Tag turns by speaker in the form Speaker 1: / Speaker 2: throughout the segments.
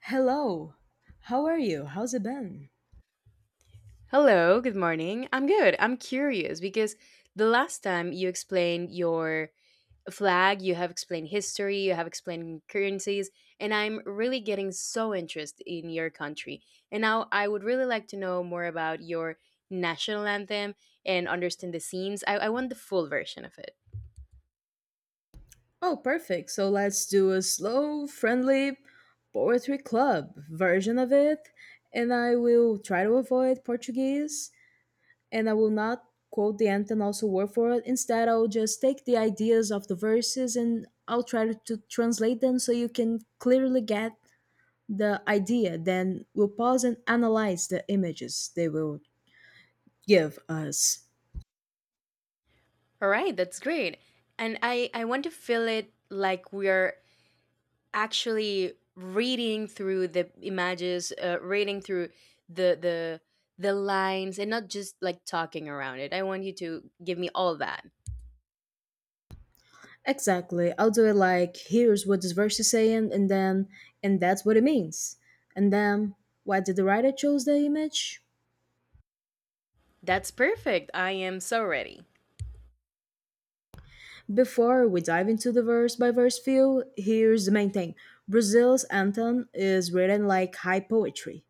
Speaker 1: Hello. How are you? How's it been?
Speaker 2: Hello, good morning. I'm good. I'm curious because the last time you explained your flag, you have explained history, you have explained currencies, and I'm really getting so interested in your country. And now I would really like to know more about your national anthem and understand the scenes. I want the full version of it.
Speaker 1: Oh, perfect. So let's do a slow, friendly poetry club version of it. And I will try to avoid Portuguese and I will not quote the anthem also word for it. Instead, I'll just take the ideas of the verses and I'll try to translate them so you can clearly get the idea. Then we'll pause and analyze the images they will give us.
Speaker 2: All right, that's great. And I want to feel it like we are actually reading through the images, reading through the the lines, and not just like talking around it. I want you to give me all that.
Speaker 1: Exactly. I'll do it like here's what this verse is saying, and then and that's what it means. And then why did the writer chose the image?
Speaker 2: That's perfect. I am so ready.
Speaker 1: Before we dive into the verse by verse view, here's the main thing: Brazil's anthem is written like high poetry.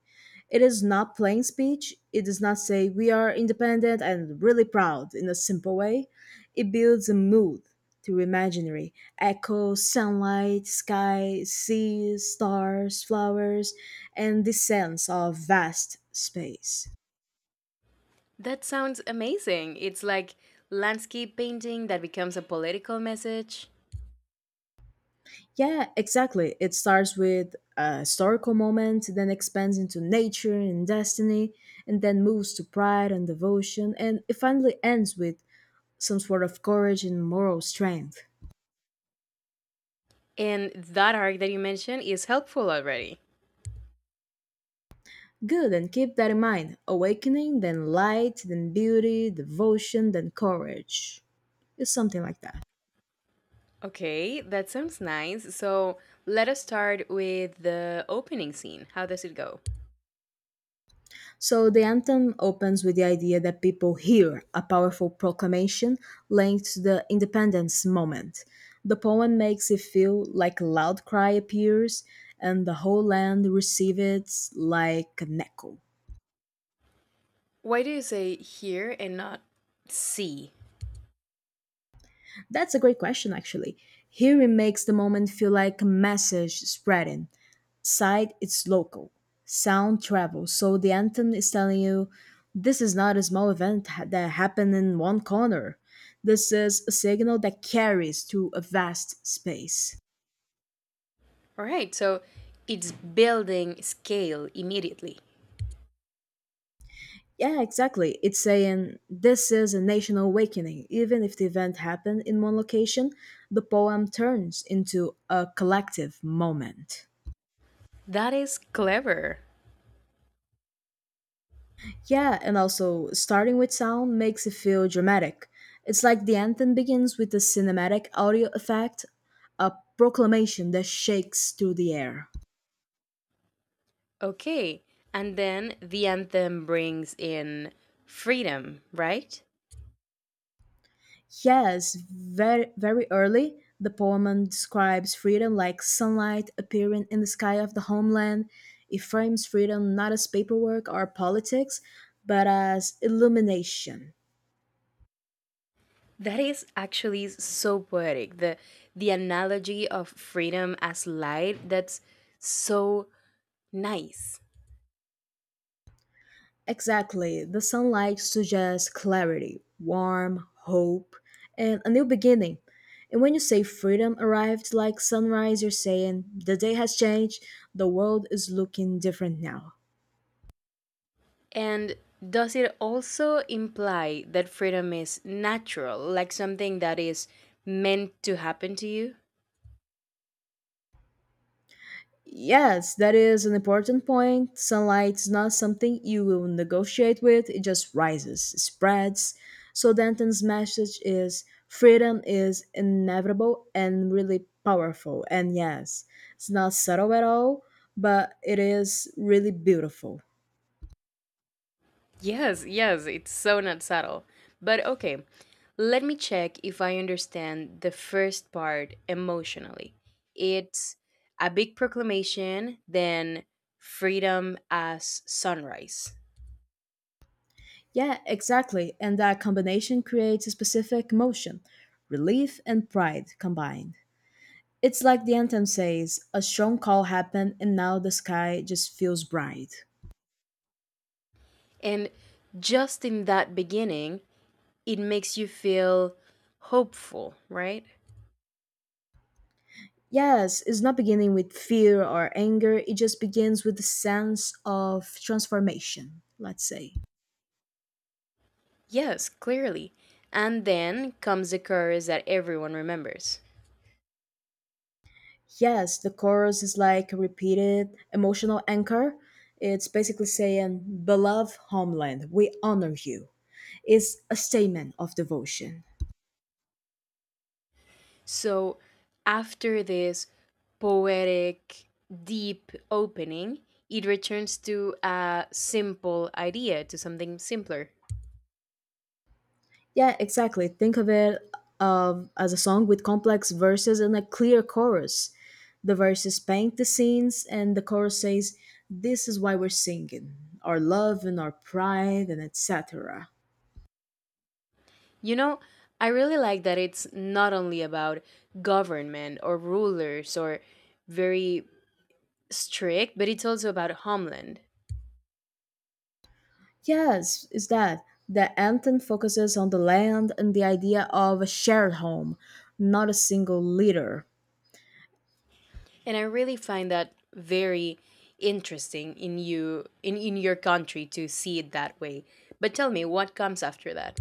Speaker 1: It is not plain speech. It does not say, we are independent and really proud in a simple way. It builds a mood through imaginary echoes, sunlight, sky, sea, stars, flowers, and the sense of vast space.
Speaker 2: That sounds amazing. It's like landscape painting that becomes a political message.
Speaker 1: Yeah, exactly. It starts with a historical moment, then expands into nature and destiny, and then moves to pride and devotion, and it finally ends with some sort of courage and moral strength.
Speaker 2: And that arc that you mentioned is helpful already.
Speaker 1: Good, and keep that in mind. Awakening, then light, then beauty, devotion, then courage. It's something like that.
Speaker 2: Okay, that sounds nice. So let us start with the opening scene. How does it go?
Speaker 1: So the anthem opens with the idea that people hear a powerful proclamation linked to the independence moment. The poem makes it feel like a loud cry appears and the whole land receives it like an echo.
Speaker 2: Why do you say here and not see?
Speaker 1: That's a great question, actually. Hearing makes the moment feel like a message spreading, sight it's local, sound travels, so the anthem is telling you this is not a small event that happened in one corner. This is a signal that carries to a vast space.
Speaker 2: All right, so it's building scale immediately.
Speaker 1: Yeah, exactly, it's saying this is a national awakening. Even if the event happened in one location, the poem turns into a collective moment.
Speaker 2: That is clever.
Speaker 1: Yeah, and also starting with sound makes it feel dramatic. It's like the anthem begins with a cinematic audio effect, a proclamation that shakes through the air.
Speaker 2: Okay, and then the anthem brings in freedom, right?
Speaker 1: Yes, very very early, the poem describes freedom like sunlight appearing in the sky of the homeland. It frames freedom not as paperwork or politics, but as illumination.
Speaker 2: That is actually so poetic. The analogy of freedom as light, that's so nice.
Speaker 1: Exactly. The sunlight suggests clarity, warmth, hope, and a new beginning. And when you say freedom arrived like sunrise, you're saying the day has changed, the world is looking different now.
Speaker 2: And does it also imply that freedom is natural, like something that is meant to happen to you?
Speaker 1: Yes, that is an important point. Sunlight is not something you will negotiate with, it just rises, spreads. So Danton's message is freedom is inevitable and really powerful. And yes, it's not subtle at all, but it is really beautiful.
Speaker 2: Yes, yes, it's so not subtle. But okay, let me check if I understand the first part emotionally. It's a big proclamation, then freedom as sunrise.
Speaker 1: Yeah, exactly. And that combination creates a specific emotion: relief and pride combined. It's like the anthem says a strong call happened, and now the sky just feels bright.
Speaker 2: And just in that beginning, it makes you feel hopeful, right?
Speaker 1: Yes, it's not beginning with fear or anger, it just begins with the sense of transformation, let's say.
Speaker 2: Yes, clearly. And then comes the chorus that everyone remembers.
Speaker 1: Yes, the chorus is like a repeated emotional anchor. It's basically saying, beloved homeland, we honor you. It's a statement of devotion.
Speaker 2: So after this poetic, deep opening, it returns to a simple idea, to something simpler.
Speaker 1: Yeah, exactly. Think of it of as a song with complex verses and a clear chorus. The verses paint the scenes, and the chorus says, "This is why we're singing, our love and our pride, and etc."
Speaker 2: You know, I really like that it's not only about government or rulers or very strict, but it's also about homeland.
Speaker 1: Yes, is that the anthem focuses on the land and the idea of a shared home, not a single leader.
Speaker 2: And I really find that very interesting in you in your country to see it that way. But tell me what comes after that.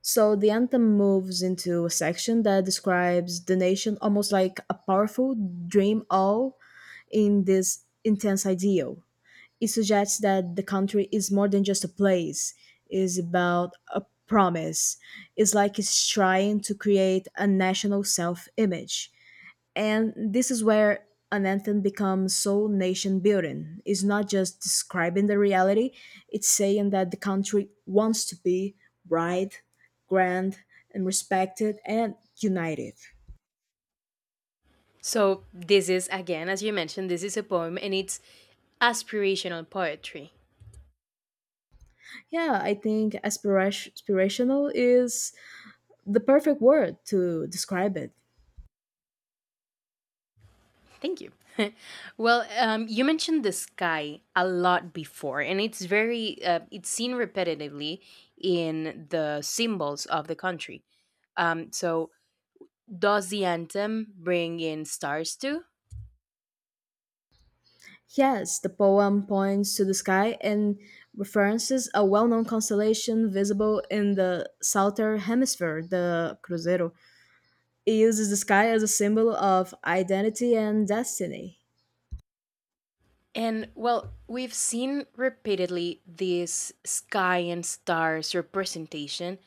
Speaker 1: So the anthem moves into a section that describes the nation almost like a powerful dream, all in this intense ideal. It suggests that the country is more than just a place, it's about a promise. It's like it's trying to create a national self image. And this is where an anthem becomes so nation building. It's not just describing the reality, it's saying that the country wants to be bright, grand, and respected and united.
Speaker 2: So this is again, as you mentioned, this is a poem and it's aspirational poetry.
Speaker 1: Yeah, I think aspirational is the perfect word to describe it.
Speaker 2: Thank you. Well, you mentioned the sky a lot before, and it's very it's seen repetitively in the symbols of the country. So does the anthem bring in stars too?
Speaker 1: Yes, the poem points to the sky and references a well known constellation visible in the southern hemisphere, the Cruzeiro. It uses the sky as a symbol of identity and destiny.
Speaker 2: And well, we've seen repeatedly this sky and stars representation.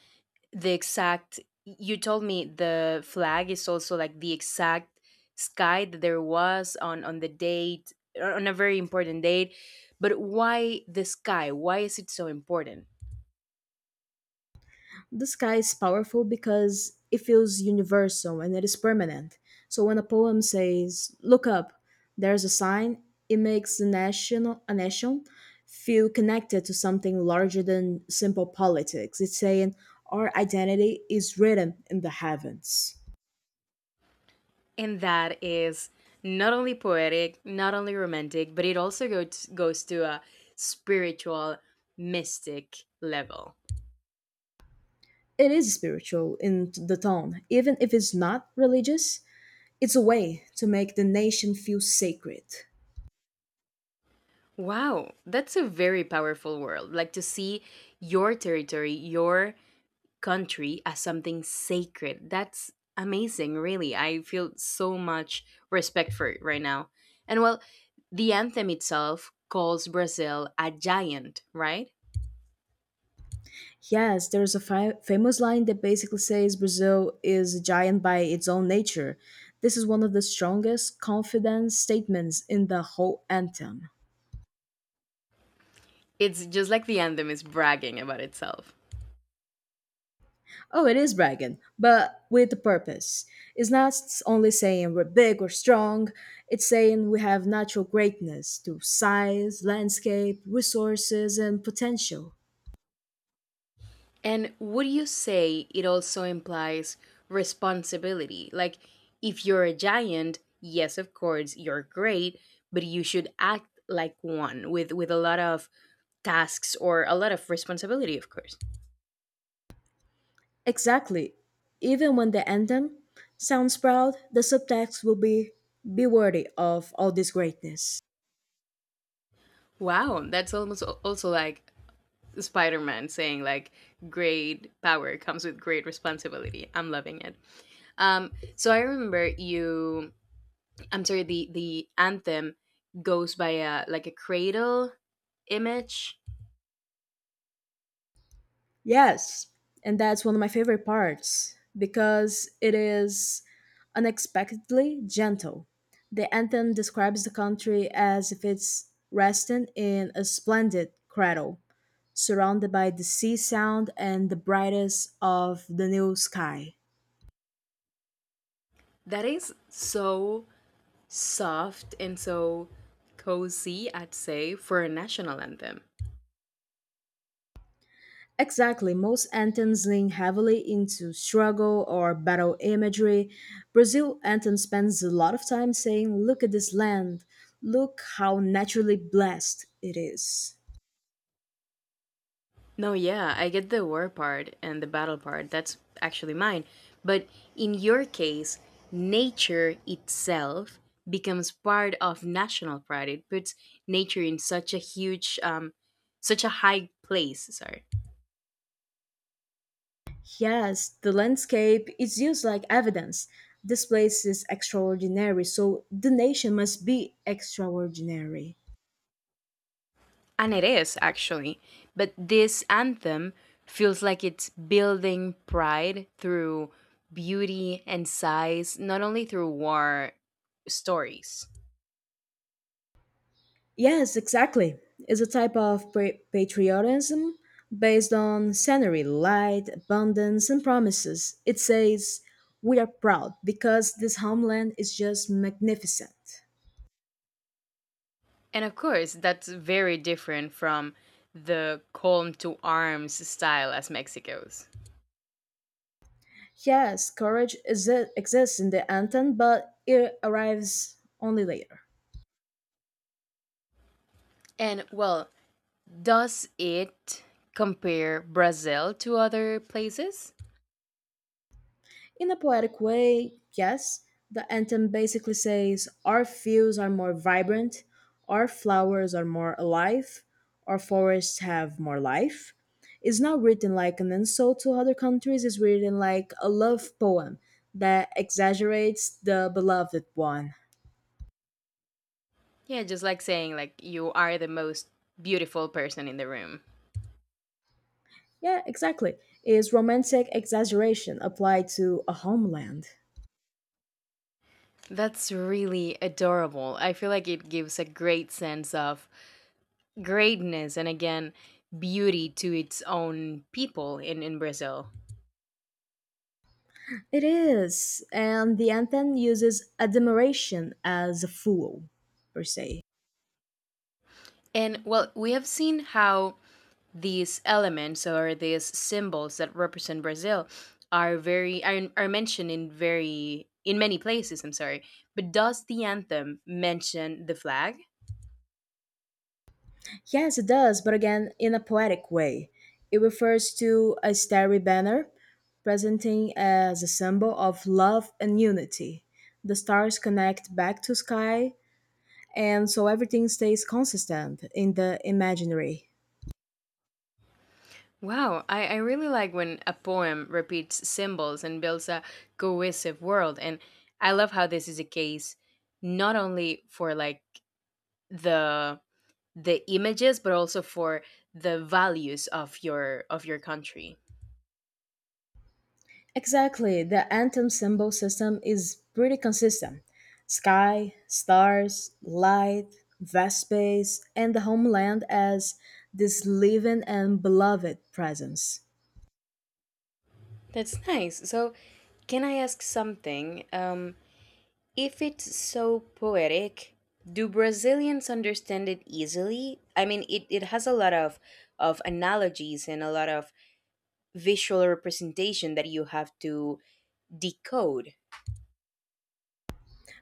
Speaker 2: The exact, you told me the flag is also like the exact sky that there was on, the date, on a very important date. But why the sky? Why is it so important?
Speaker 1: The sky is powerful because it feels universal and it is permanent. So when a poem says, "Look up, there's a sign," it makes the national a nation feel connected to something larger than simple politics. It's saying our identity is written in the heavens.
Speaker 2: And that is not only poetic, not only romantic, but it also goes to a spiritual, mystic level.
Speaker 1: It is spiritual in the tone, even if it's not religious. It's a way to make the nation feel sacred.
Speaker 2: Wow, that's a very powerful world. Like to see your territory, your country as something sacred. That's amazing, really. I feel so much respect for it right now. And well, the anthem itself calls Brazil a giant, right?
Speaker 1: Yes, there's a famous line that basically says Brazil is a giant by its own nature. This is one of the strongest confidence statements in the whole anthem.
Speaker 2: It's just like the anthem is bragging about itself.
Speaker 1: Oh, it is bragging, but with a purpose. It's not only saying we're big or strong, it's saying we have natural greatness through size, landscape, resources, and potential.
Speaker 2: And would you say it also implies responsibility? Like, if you're a giant, yes, of course, you're great, but you should act like one with, a lot of tasks or a lot of responsibility, of course.
Speaker 1: Exactly. Even when the anthem sounds proud, the subtext will be worthy of all this greatness.
Speaker 2: Wow, that's almost also like Spider Man saying, like, great power comes with great responsibility. I'm loving it. So I remember you, I'm sorry, the anthem goes by a, like a cradle image.
Speaker 1: Yes, and that's one of my favorite parts because it is unexpectedly gentle. The anthem describes the country as if it's resting in a splendid cradle, surrounded by the sea sound and the brightest of the new sky.
Speaker 2: That is so soft and so cozy, I'd say, for a national anthem.
Speaker 1: Exactly. Most anthems lean heavily into struggle or battle imagery. Brazil anthem spends a lot of time saying, look at this land. Look how naturally blessed it is.
Speaker 2: No, yeah, I get the war part and the battle part. That's actually mine. But in your case, nature itself becomes part of national pride. It puts nature in such a huge, such a high place. Sorry.
Speaker 1: Yes, the landscape is used like evidence. This place is extraordinary, so the nation must be extraordinary.
Speaker 2: And it is, actually. But this anthem feels like it's building pride through beauty and size, not only through war stories.
Speaker 1: Yes, exactly. It's a type of patriotism based on scenery, light, abundance, and promises. It says, we are proud because this homeland is just magnificent.
Speaker 2: And of course, that's very different from the calm to arms style as Mexico's.
Speaker 1: Yes, courage exists in the anthem, but it arrives only later.
Speaker 2: And well, does it compare Brazil to other places?
Speaker 1: In a poetic way, yes, the anthem basically says our fields are more vibrant, our flowers are more alive, our forests have more life. It's not written like an insult to other countries, it's written like a love poem that exaggerates the beloved one.
Speaker 2: Yeah, just like saying like you are the most beautiful person in the room.
Speaker 1: Yeah, exactly. Is romantic exaggeration applied to a homeland?
Speaker 2: That's really adorable. I feel like it gives a great sense of greatness and again, beauty to its own people in, Brazil.
Speaker 1: It is, and the anthem uses admiration as a fool, per se.
Speaker 2: And well, we have seen how these elements or these symbols that represent Brazil are mentioned in very in many places, I'm sorry. But does the anthem mention the flag?
Speaker 1: Yes, it does, but again, in a poetic way. It refers to a starry banner, presenting as a symbol of love and unity. The stars connect back to sky, and so everything stays consistent in the imaginary.
Speaker 2: Wow, I really like when a poem repeats symbols and builds a cohesive world. And I love how this is a case not only for like the the images, but also for the values of your country.
Speaker 1: Exactly, the anthem symbol system is pretty consistent. Sky, stars, light, vast space, and the homeland as this living and beloved presence.
Speaker 2: That's nice. So can I ask something? If it's so poetic, do Brazilians understand it easily? I mean, it has a lot of analogies and a lot of visual representation that you have to decode.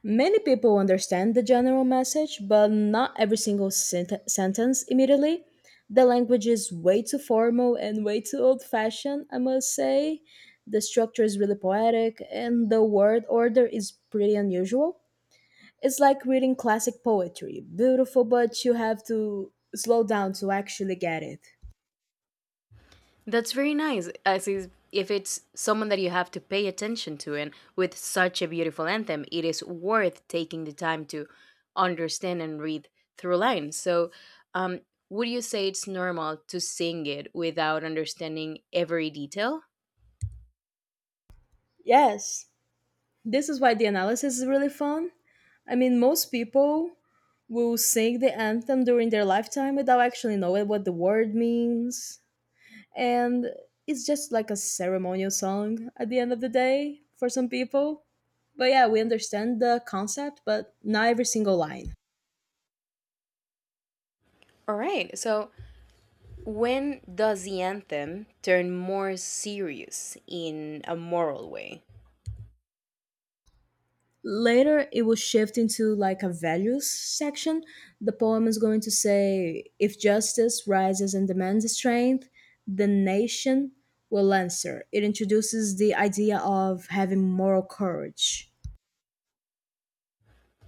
Speaker 1: Many people understand the general message, but not every single sentence immediately. The language is way too formal and way too old fashioned, I must say. The structure is really poetic, and the word order is pretty unusual. It's like reading classic poetry, beautiful, but you have to slow down to actually get it.
Speaker 2: That's very nice. As is, if it's someone that you have to pay attention to, and with such a beautiful anthem, it is worth taking the time to understand and read through lines. So, um, would you say it's normal to sing it without understanding every detail?
Speaker 1: Yes, this is why the analysis is really fun. I mean, most people will sing the anthem during their lifetime without actually knowing what the word means. And it's just like a ceremonial song at the end of the day for some people. But yeah, we understand the concept, but not every single line.
Speaker 2: All right. So, when does the anthem turn more serious in a moral way?
Speaker 1: Later, it will shift into like a values section. The poem is going to say if justice rises and demands strength, the nation will answer. It introduces the idea of having moral courage.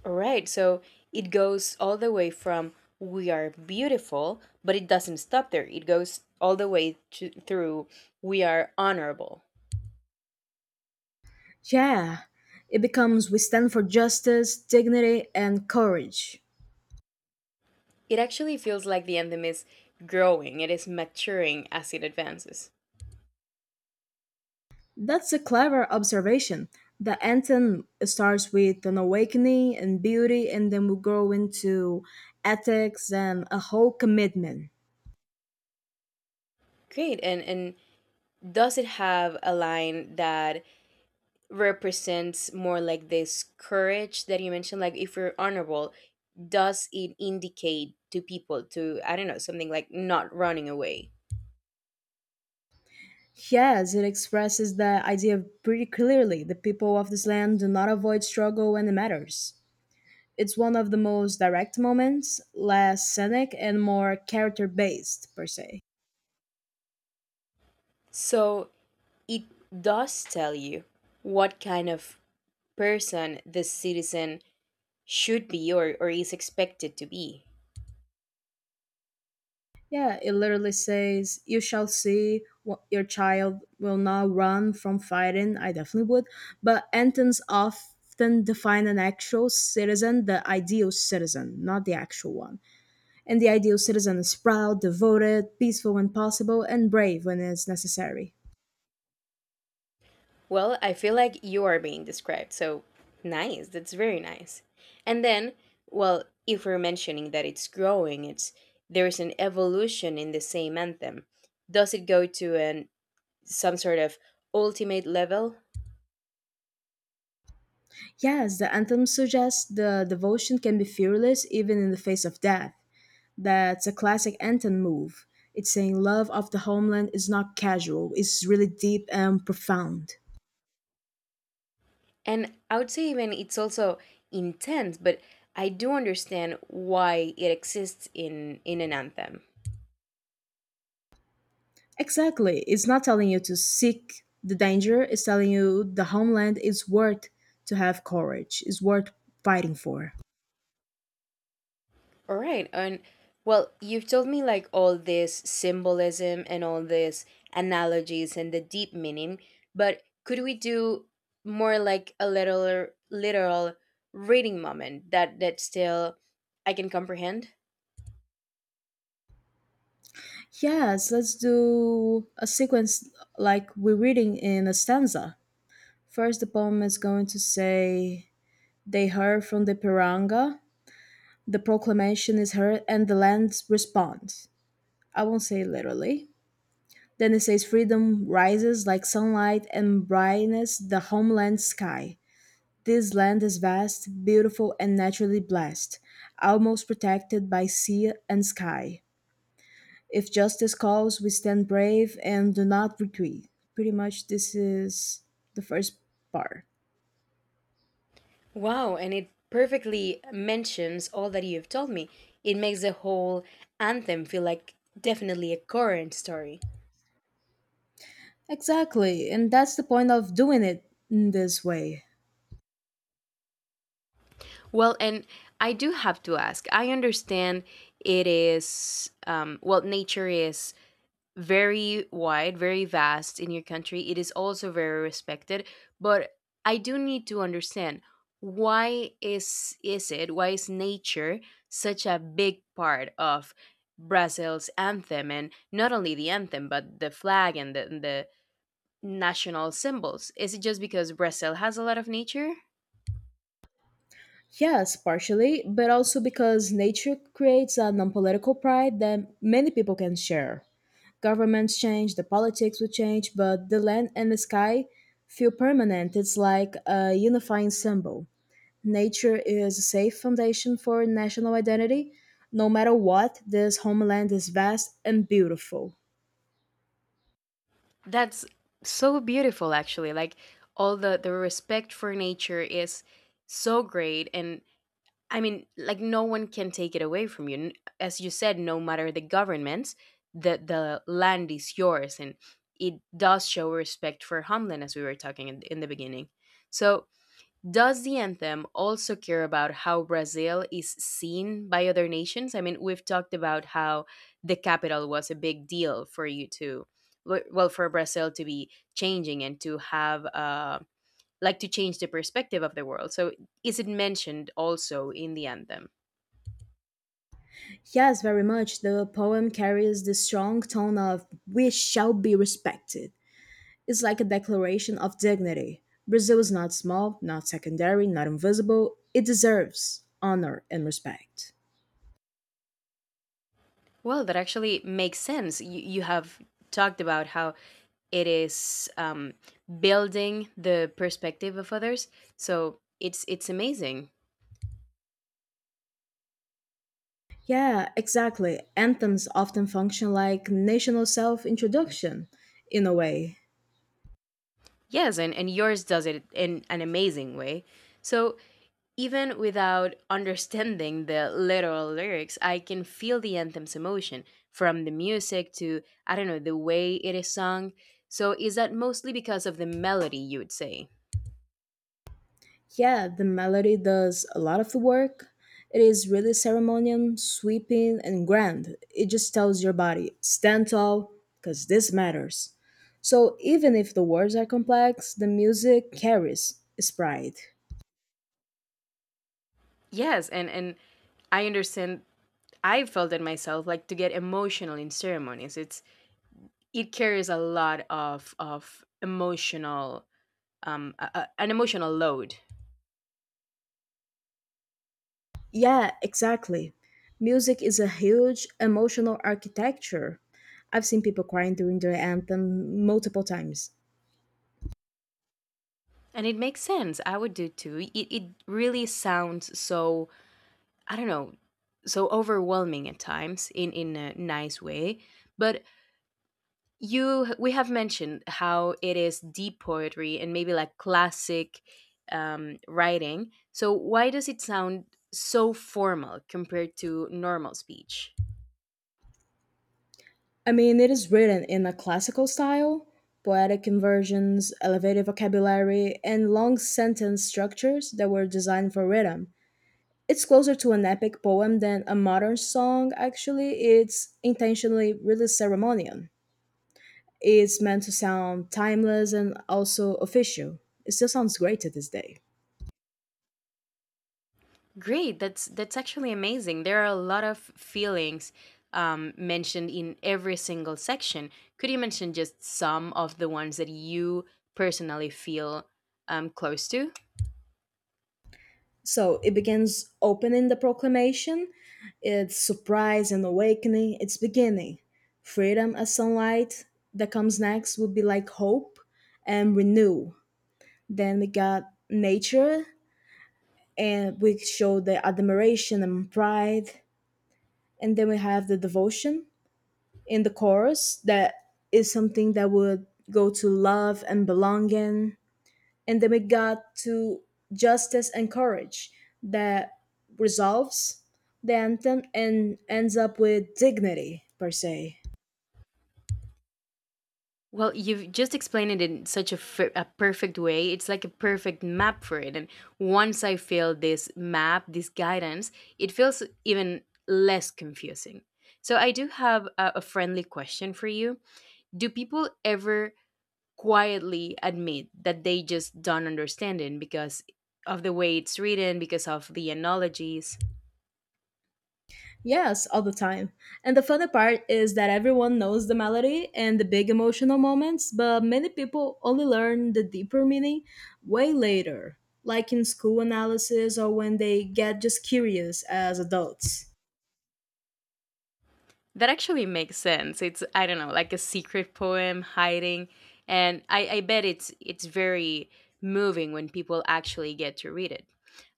Speaker 2: Right, so it goes all the way from we are beautiful, but it doesn't stop there. It goes all the way to, through we are honorable.
Speaker 1: Yeah, it becomes we stand for justice, dignity, and courage.
Speaker 2: It actually feels like the anthem is growing, it is maturing as it advances.
Speaker 1: That's a clever observation. The anthem starts with an awakening and beauty, and then we grow into ethics and a whole commitment.
Speaker 2: Great, and does it have a line that represents more like this courage that you mentioned? Like, if you're honorable, does it indicate to people to, I don't know, something like not running away?
Speaker 1: Yes, it expresses the idea pretty clearly. The people of this land do not avoid struggle when it matters. It's one of the most direct moments, less scenic and more character based, per se.
Speaker 2: So it does tell you what kind of person the citizen should be or is expected to be.
Speaker 1: Yeah, it literally says, you shall see what your child will not run from fighting. I definitely would. But Antons often define an actual citizen, the ideal citizen, not the actual one. And the ideal citizen is proud, devoted, peaceful when possible, and brave when it's necessary.
Speaker 2: Well, I feel like you are being described. So nice. That's very nice. And then, well, if we're mentioning that it's growing, it's there's an evolution in the same anthem. Does it go to an some sort of ultimate level?
Speaker 1: Yes, the anthem suggests the devotion can be fearless even in the face of death. That's a classic Anton move. It's saying love of the homeland is not casual, it's really deep and profound.
Speaker 2: And I would say even it's also intense, but I do understand why it exists in an anthem.
Speaker 1: Exactly. It's not telling you to seek the danger, it's telling you the homeland is worth to have courage, is worth fighting for.
Speaker 2: All right, and well, you've told me like all this symbolism and all these analogies and the deep meaning, but could we do more like a little literal reading moment that still I can comprehend?
Speaker 1: Yes, let's do a sequence like we're reading in a stanza. First, the poem is going to say, they heard from the piranga, the proclamation is heard, and the land responds. I won't say literally. Then it says freedom rises like sunlight and brightens the homeland sky. This land is vast, beautiful, and naturally blessed, almost protected by sea and sky. If justice calls, we stand brave and do not retreat. Pretty much, this is the first part.
Speaker 2: Wow, and it perfectly mentions all that you've told me. It makes the whole anthem feel like definitely a current story.
Speaker 1: Exactly, and that's the point of doing it in this way.
Speaker 2: Well, and I do have to ask. I understand it is well, nature is very wide, very vast in your country. It is also very respected, but I do need to understand why is it why is nature such a big part of Brazil's anthem and not only the anthem but the flag and the national symbols? Is it just because Brazil has a lot of nature?
Speaker 1: Yes, partially, but also because nature creates a non political pride that many people can share. Governments change, the politics will change, but the land and the sky feel permanent. It's like a unifying symbol. Nature is a safe foundation for national identity. No matter what, this homeland is vast and beautiful.
Speaker 2: That's so beautiful actually. Like all the respect for nature is so great and I mean, like no one can take it away from you. As you said, no matter the governments, the land is yours, and it does show respect for homeland, as we were talking in, the beginning. So, does the anthem also care about how Brazil is seen by other nations? I mean, we've talked about how the capital was a big deal for you to, well, for Brazil to be changing and to have. Like to change the perspective of the world. So is it mentioned also in the anthem?
Speaker 1: Yes, very much. The poem carries the strong tone of we shall be respected. It's like a declaration of dignity. Brazil is not small, not secondary, not invisible. It deserves honor and respect.
Speaker 2: Well, that actually makes sense. You have talked about how it is building the perspective of others. So it's amazing.
Speaker 1: Yeah, exactly. Anthems often function like national self introduction, in a way.
Speaker 2: Yes, and yours does it in an amazing way. So even without understanding the literal lyrics, I can feel the anthem's emotion from the music to, I don't know, the way it is sung. So is that mostly because of the melody, you would say?
Speaker 1: Yeah, the melody does a lot of the work. It is really ceremonial, sweeping, and grand. It just tells your body, stand tall, because this matters. So even if the words are complex, the music carries its pride.
Speaker 2: Yes, and I understand I felt it myself like to get emotional in ceremonies. It's it carries a lot of emotional an emotional load.
Speaker 1: Yeah, exactly. Music is a huge emotional architecture. I've seen people crying during the anthem multiple times.
Speaker 2: And it makes sense. I would do too. It really sounds so I don't know, so overwhelming at times in a nice way, but you we have mentioned how it is deep poetry and maybe like classic writing. So why does it sound so formal compared to normal speech?
Speaker 1: I mean, it is written in a classical style, poetic inversions, elevated vocabulary, and long sentence structures that were designed for rhythm. It's closer to an epic poem than a modern song, actually. It's intentionally really ceremonial. It's meant to sound timeless and also official. It still sounds great to this day.
Speaker 2: Great, that's actually amazing. There are a lot of feelings mentioned in every single section. Could you mention just some of the ones that you personally feel close to?
Speaker 1: So it begins opening the proclamation, its surprise and awakening, its beginning. Freedom as sunlight that comes next would be like hope and renew. Then we got nature and we show the admiration and pride. And then we have the devotion in the chorus that is something that would go to love and belonging, and then we got to justice and courage that resolves the anthem and ends up with dignity, per se.
Speaker 2: Well, you've just explained it in such a a perfect way. It's like a perfect map for it. And once I feel this map, this guidance, it feels even less confusing. So, I do have a friendly question for you. Do people ever quietly admit that they just don't understand it because of the way it's written, because of the analogies?
Speaker 1: Yes, all the time. And the funny part is that everyone knows the melody and the big emotional moments, but many people only learn the deeper meaning way later, like in school analysis or when they get just curious as adults.
Speaker 2: That actually makes sense. It's I don't know, like a secret poem hiding, and I bet it's very moving when people actually get to read it.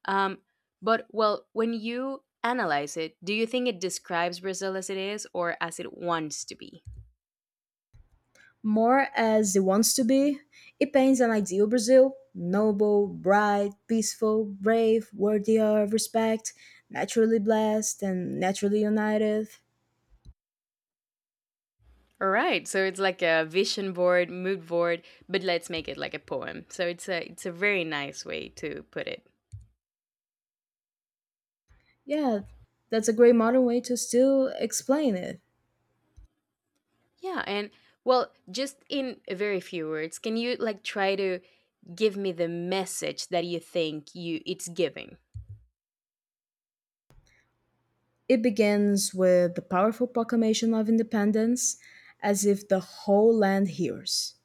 Speaker 2: Um, but well, when you analyze it, do you think it describes Brazil as it is or as it wants to be?
Speaker 1: More as he wants to be, he paints an ideal Brazil: noble, bright, peaceful, brave, worthy of respect, naturally blessed, and naturally united.
Speaker 2: All right, so it's like a vision board, mood board, but let's make it like a poem. So it's a very nice way to put it.
Speaker 1: Yeah, that's a great modern way to still explain it.
Speaker 2: Yeah, and well, just in very few words, can you like try to give me the message that you think you it's giving?
Speaker 1: It begins with the powerful proclamation of independence, as if the whole land hears.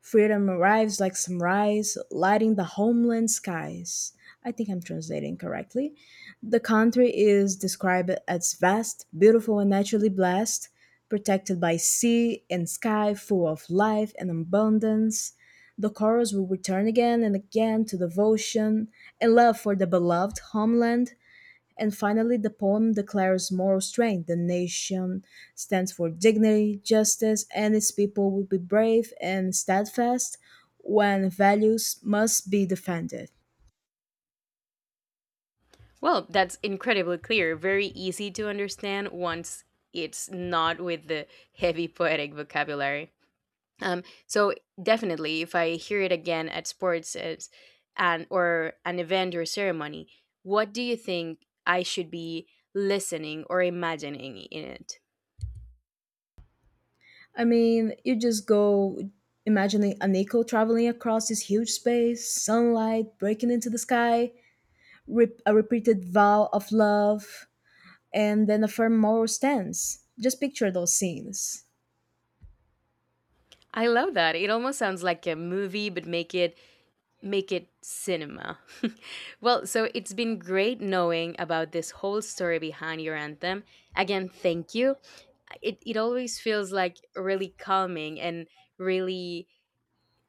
Speaker 1: Freedom arrives like sunrise, lighting the homeland skies. I think I'm translating correctly. The country is described as vast, beautiful, and naturally blessed, protected by sea and sky, full of life and abundance. The chorus will return again and again to devotion and love for the beloved homeland, and finally, the poem declares moral strength. The nation stands for dignity, justice, and its people will be brave and steadfast when values must be defended.
Speaker 2: Well, that's incredibly clear, very easy to understand once it's not with the heavy poetic vocabulary. So definitely, if I hear it again at sports as, and or an event or ceremony, what do you think I should be listening or imagining in it?
Speaker 1: I mean, you just go imagining Aniko traveling across this huge space, sunlight breaking into the sky, a repeated vow of love, and then a firm moral stance. Just picture those scenes.
Speaker 2: I love that. It almost sounds like a movie, but make it cinema. Well, so it's been great knowing about this whole story behind your anthem. Again, thank you. It always feels like really calming and really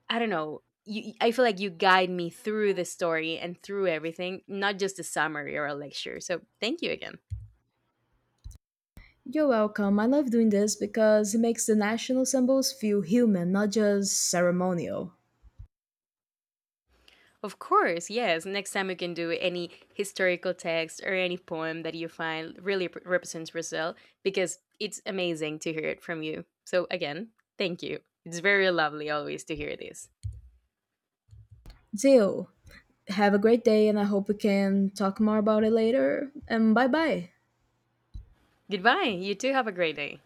Speaker 2: I don't know. You, I feel like you guide me through the story and through everything, not just a summary or a lecture. So thank you again.
Speaker 1: You're welcome. I love doing this because it makes the national symbols feel human, not just ceremonial.
Speaker 2: Of course, yes. Next time you can do any historical text or any poem that you find really represents Brazil because it's amazing to hear it from you. So, again, thank you. It's very lovely always to hear this.
Speaker 1: Deal. Have a great day, and I hope we can talk more about it later. And bye bye.
Speaker 2: Goodbye. You too have a great day.